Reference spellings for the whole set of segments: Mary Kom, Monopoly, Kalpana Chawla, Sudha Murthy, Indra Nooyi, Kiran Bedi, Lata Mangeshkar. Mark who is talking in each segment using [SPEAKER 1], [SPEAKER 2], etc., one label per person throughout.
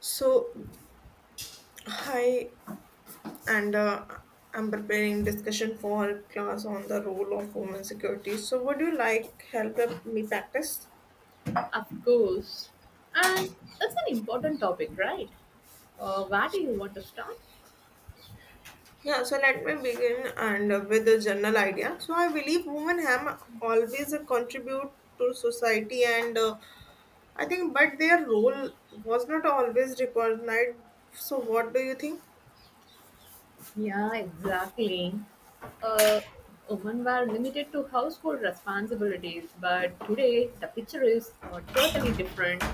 [SPEAKER 1] So, hi, and I'm preparing discussion for our class on the role of women security. So, would you like help me practice?
[SPEAKER 2] Of course. And that's an important topic, right? Where do you want to start?
[SPEAKER 1] Yeah, so let me begin and with a general idea. So, I believe women have always contribute to society, but their role was not always recognized. So, what do you think?
[SPEAKER 2] Yeah, exactly. Uh, Women were limited to household responsibilities, but today the picture is totally different.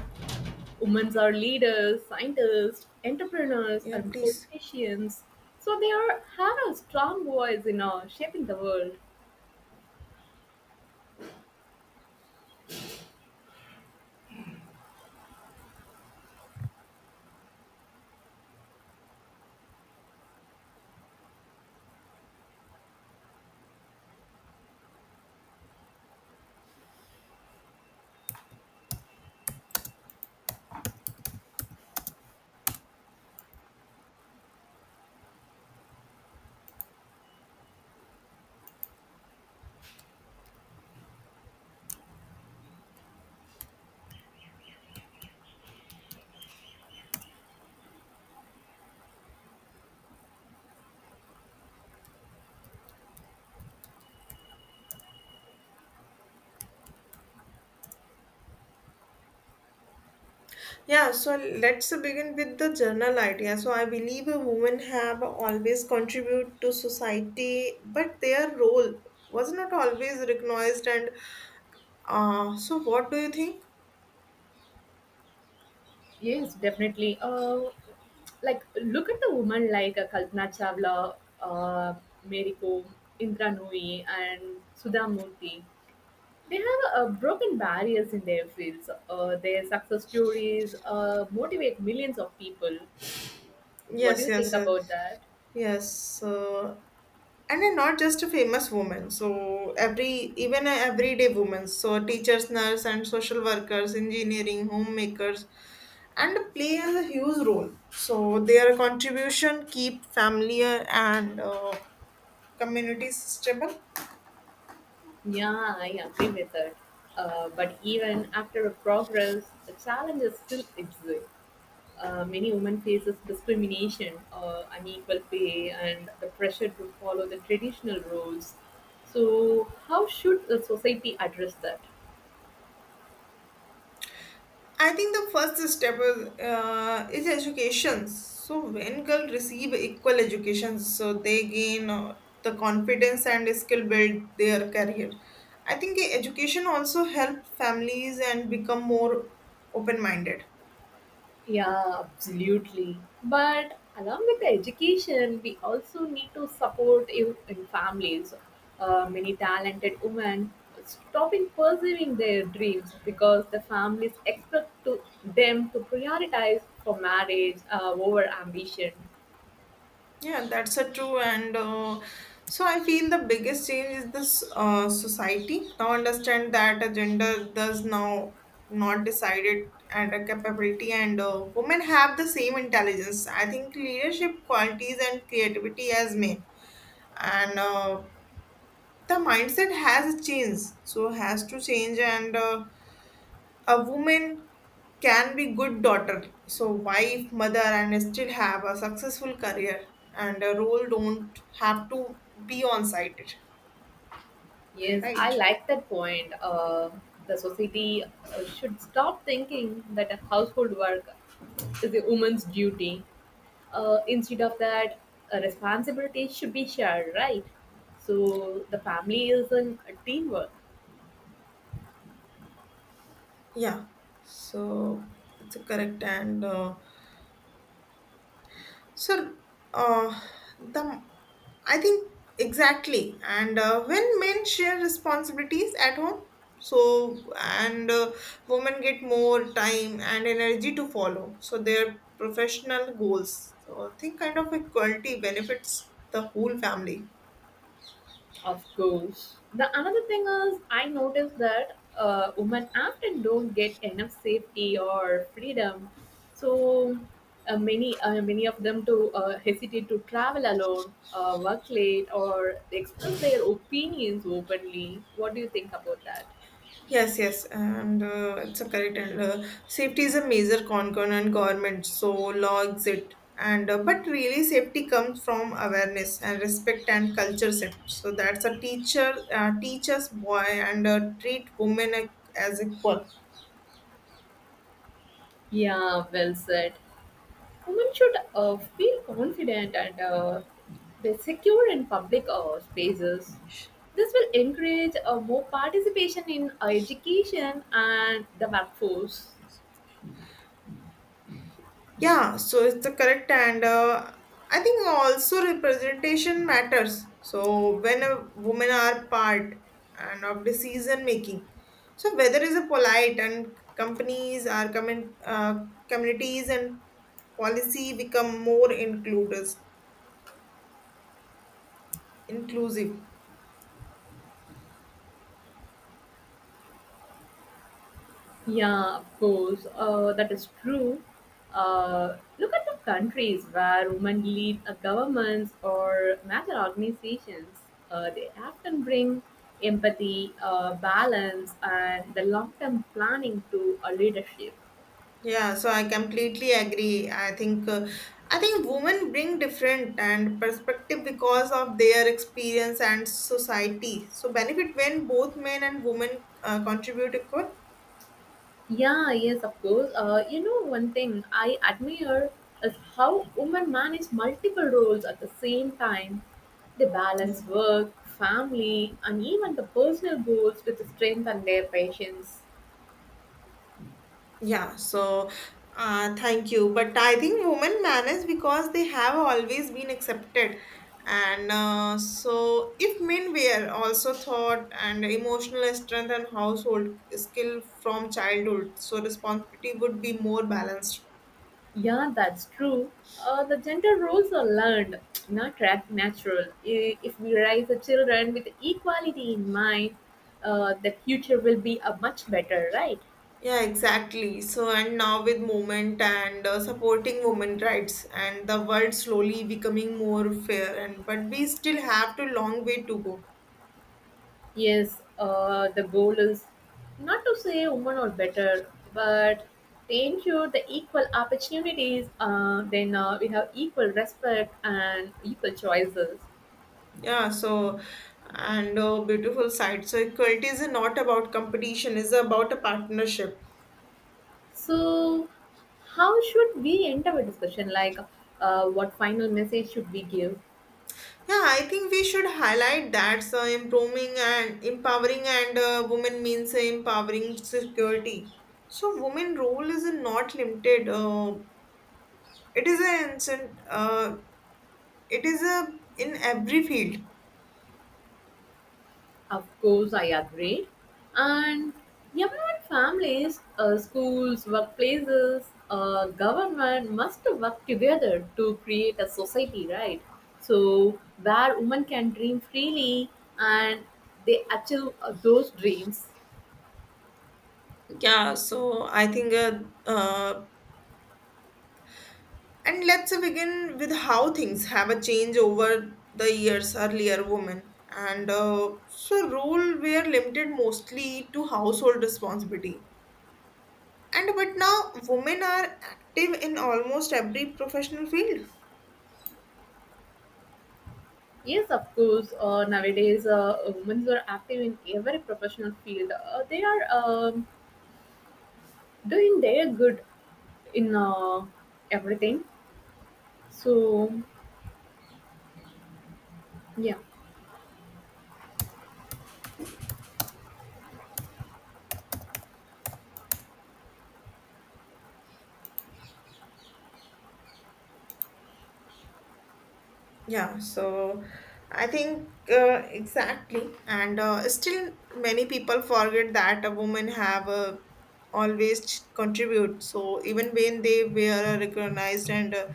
[SPEAKER 2] Women are leaders, scientists, entrepreneurs,
[SPEAKER 1] Yeah,
[SPEAKER 2] and
[SPEAKER 1] please.
[SPEAKER 2] politicians. So they are, have a strong voice in shaping the world.
[SPEAKER 1] Yeah, so let's begin with the general idea. So I believe women have always contributed to society, but their role was not always recognized. And so, what do you think?
[SPEAKER 2] Yes, definitely. Like look at the women like Kalpana Chawla, uh, Mary Kom, Indra Nooyi, and Sudha Murthy. They have broken barriers in their fields. Their success stories motivate millions of people. What do
[SPEAKER 1] Yes,
[SPEAKER 2] you
[SPEAKER 1] yes,
[SPEAKER 2] think about
[SPEAKER 1] yes.
[SPEAKER 2] that?
[SPEAKER 1] Yes, and then not just a famous woman. So every even a everyday woman. So teachers, nurse, and social workers, engineering, homemakers, and play a huge role. So their contribution keep family and communities stable.
[SPEAKER 2] Yeah, I agree with that. But even after a progress, the challenges still exist. Many women faces discrimination, unequal pay, and the pressure to follow the traditional roles. So, how should the society address that?
[SPEAKER 1] I think the first step is education. So when girls receive equal education, so they gain the confidence and skill build their career. I think education also help families and become more open minded.
[SPEAKER 2] Yeah, absolutely. But along with the education, we also need to support in families. Many talented women stopping pursuing their dreams because the families expect to them to prioritize for marriage over ambition.
[SPEAKER 1] Yeah, that's a true. And So I feel the biggest change is this. Society now understand that a gender does now not decided at a capability, and women have the same intelligence. I think leadership qualities and creativity as men, and the mindset has changed, so has to change and. A woman can be good daughter so wife mother and still have a successful career and a role don't have to be on site,
[SPEAKER 2] Yes, I
[SPEAKER 1] right?
[SPEAKER 2] like that point. The society should stop thinking that a household work is a woman's duty. Instead of that, a responsibility should be shared, right? So the family is in a teamwork.
[SPEAKER 1] Yeah, so it's a correct, and So, uh, the I think exactly, and when men share responsibilities at home, so and women get more time and energy to follow, so their professional goals. So, I think kind of equality benefits the whole family.
[SPEAKER 2] Of course. The another thing is I noticed that women often don't get enough safety or freedom. So many of them to hesitate to travel alone, work late, or express their opinions openly. What do you think about that?
[SPEAKER 1] Yes, yes, and it's a correct. And safety is a major concern and government so logs it. And But really, safety comes from awareness and respect and culture set. So that's a teacher teach us boy and treat women as equal.
[SPEAKER 2] Yeah, well said. Women should feel confident and be secure in public spaces. This will encourage more participation in education and the workforce.
[SPEAKER 1] Yeah, so it's the correct, and I think also representation matters. So when a women are part and of decision making, so whether is a polite and companies are coming, communities and policy become more includes inclusive.
[SPEAKER 2] Yeah, of course, that is true. Look at the countries where women lead governments or major organizations. They often bring empathy, balance, and the long term planning to a leadership.
[SPEAKER 1] Yeah, so I completely agree. I think women bring different and perspective because of their experience and society. So benefit when both men and women contribute equal.
[SPEAKER 2] Yeah, yes, of course. You know, one thing I admire is how women manage multiple roles at the same time. They
[SPEAKER 1] Yeah.
[SPEAKER 2] balance work, family, and even the personal goals with the strength and their patience.
[SPEAKER 1] Yeah, so thank you. But I think women manage because they have always been accepted. And so, if men were also taught and emotional strength and household skill from childhood, so responsibility would be more balanced.
[SPEAKER 2] Yeah, that's true. The gender roles are learned, not ra- natural. If we raise the children with equality in mind, the future will be a much better, right?
[SPEAKER 1] Yeah, exactly. So, and now with movement and supporting women rights and the world slowly becoming more fair and but we still have to long way to go.
[SPEAKER 2] Yes, the goal is not to say women are better, but they ensure the equal opportunities. Then we have equal respect and equal choices.
[SPEAKER 1] Yeah, so and beautiful side. So equality is not about competition, is about a partnership.
[SPEAKER 2] So, how should we end our discussion? Like, what final message should we give?
[SPEAKER 1] Yeah, I think we should highlight that. So improving and empowering and women means empowering security. So women role is not limited. It is an instant. It is a in every field.
[SPEAKER 2] Of course, I agree. And everyone, families, schools, workplaces, government must work together to create a society, right? So, where women can dream freely and they achieve those dreams.
[SPEAKER 1] Yeah, so I think uh, and let's begin with how things have a change over the years earlier women and so role were limited mostly to household responsibility and but now women are active in almost every professional field.
[SPEAKER 2] Yes, of course. Nowadays, women are active in every professional field. They are doing their good in everything. So, yeah.
[SPEAKER 1] Yeah, so I think exactly, and still many people forget that a woman have always contribute. So even when they were recognized, and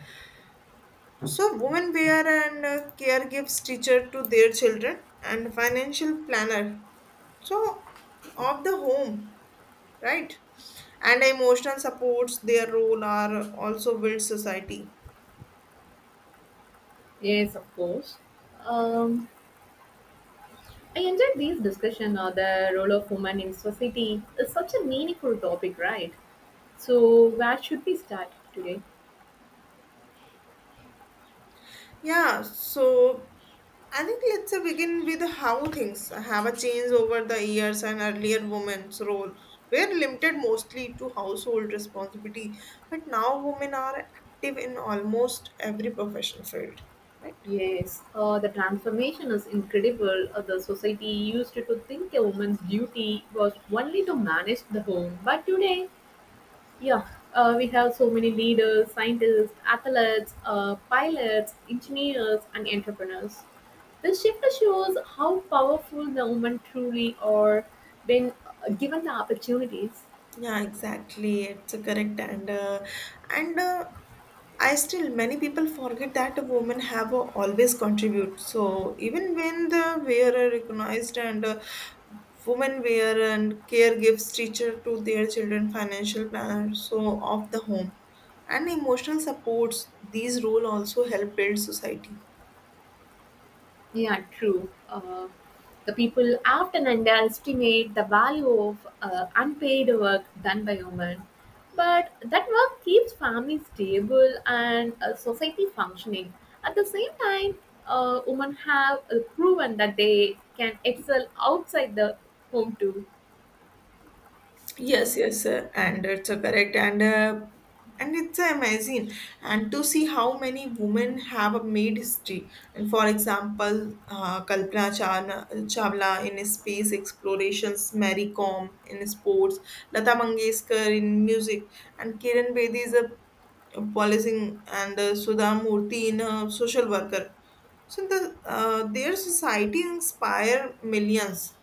[SPEAKER 1] so women wear and care gives teacher to their children and financial planner. So of the home, right? And emotional supports their role are also build society.
[SPEAKER 2] Yes, of course. Um, I enjoyed this discussion on the role of women in society. It's such a meaningful topic, right? So, where should we start today?
[SPEAKER 1] Yeah, so I think let's begin with how things have a change over the years and earlier women's role were limited mostly to household responsibility, but now women are active in almost every professional field, right?
[SPEAKER 2] Yes, the transformation is incredible. The society used to think a woman's duty was only to manage the home, but today, yeah, we have so many leaders, scientists, athletes, pilots, engineers, and entrepreneurs. The Shiva shows how powerful the women truly are when given the opportunities.
[SPEAKER 1] Yeah, exactly. It's a correct, and I still many people forget that women have always contribute. So even when the wearer recognized and women wear and care gives teacher to their children financial planner so of the home and emotional supports. These role also help build society.
[SPEAKER 2] Yeah, true. The people often underestimate the value of unpaid work done by women, but that work keeps families stable and society functioning. At the same time, women have proven that they can excel outside the home too.
[SPEAKER 1] Yes, yes, and it's a correct and it's amazing and to see how many women have made history. And for example, Kalpana Chawla in space explorations, Mary Kom in sports, Lata Mangeshkar in music, and Kiran Bedi is a policing and Sudha Murthy in a social worker. So their society inspire millions.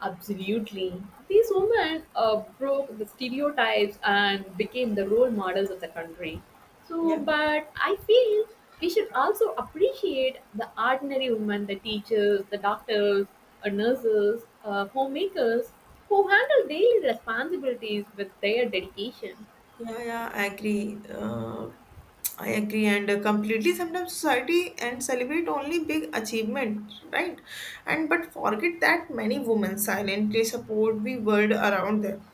[SPEAKER 2] Absolutely. These women broke the stereotypes and became the role models of the country. So,
[SPEAKER 1] Yeah.
[SPEAKER 2] but I feel we should also appreciate the ordinary women, the teachers, the doctors, nurses, homemakers who handle daily responsibilities with their dedication.
[SPEAKER 1] Yeah, yeah, I agree. I agree, and Completely. Sometimes society and celebrate only big achievement, right? And but forget that many women silently support the world around them.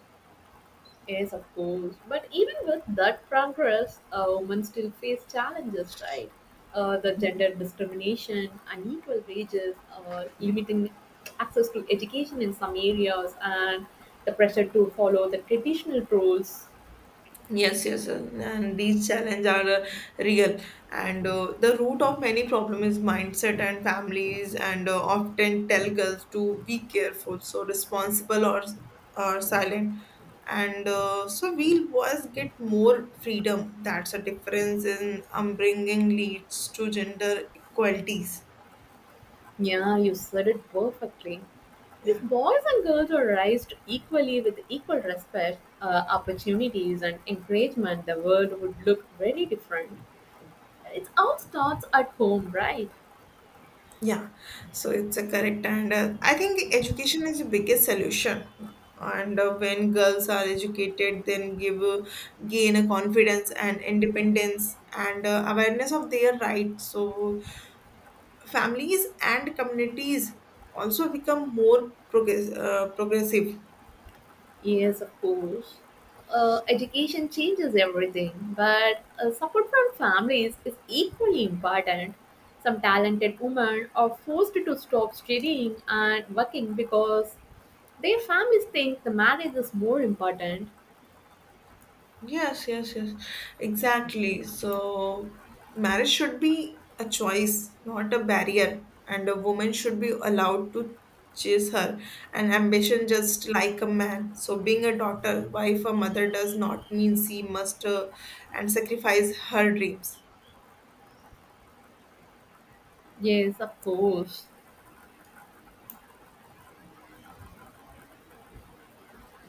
[SPEAKER 2] Yes, of course. But even with that progress, women still face challenges, right? The gender discrimination, unequal wages, limiting access to education in some areas, and the pressure to follow the traditional roles.
[SPEAKER 1] Yes, yes, and these challenges are real. And The root of many problem is mindset, and families and often tell girls to be careful, so responsible or silent. And So we boys get more freedom. That's a difference in upbringing leads to gender equalities.
[SPEAKER 2] Yeah, you said it perfectly. If
[SPEAKER 1] Yeah.
[SPEAKER 2] boys and girls were raised equally with equal respect, opportunities, and encouragement, the world would look very different. It all starts at home, right?
[SPEAKER 1] Yeah, so it's a correct, and I think education is the biggest solution. And When girls are educated, then give gain a confidence and independence and awareness of their rights. So families and communities also become more progressive.
[SPEAKER 2] Yes, of course. Education changes everything, but support from families is equally important. Some talented women are forced to stop studying and working because their families think the marriage is more important.
[SPEAKER 1] Yes, yes, yes. Exactly. So, marriage should be a choice, not a barrier. And a woman should be allowed to chase her and ambition just like a man. So, being a daughter, wife, or mother does not mean she must and sacrifice her dreams.
[SPEAKER 2] Yes, of course.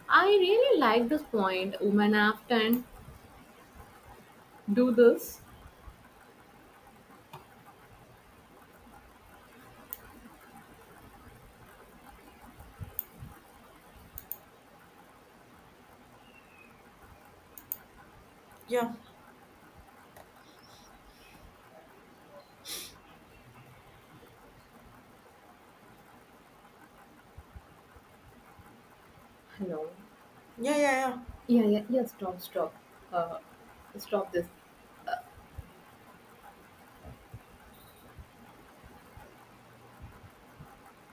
[SPEAKER 2] I really like this point. Women often do this.
[SPEAKER 1] Yeah,
[SPEAKER 2] Hello.
[SPEAKER 1] yeah, yeah, yeah.
[SPEAKER 2] Yeah, yeah, yeah. Stop, stop. Uh, stop this.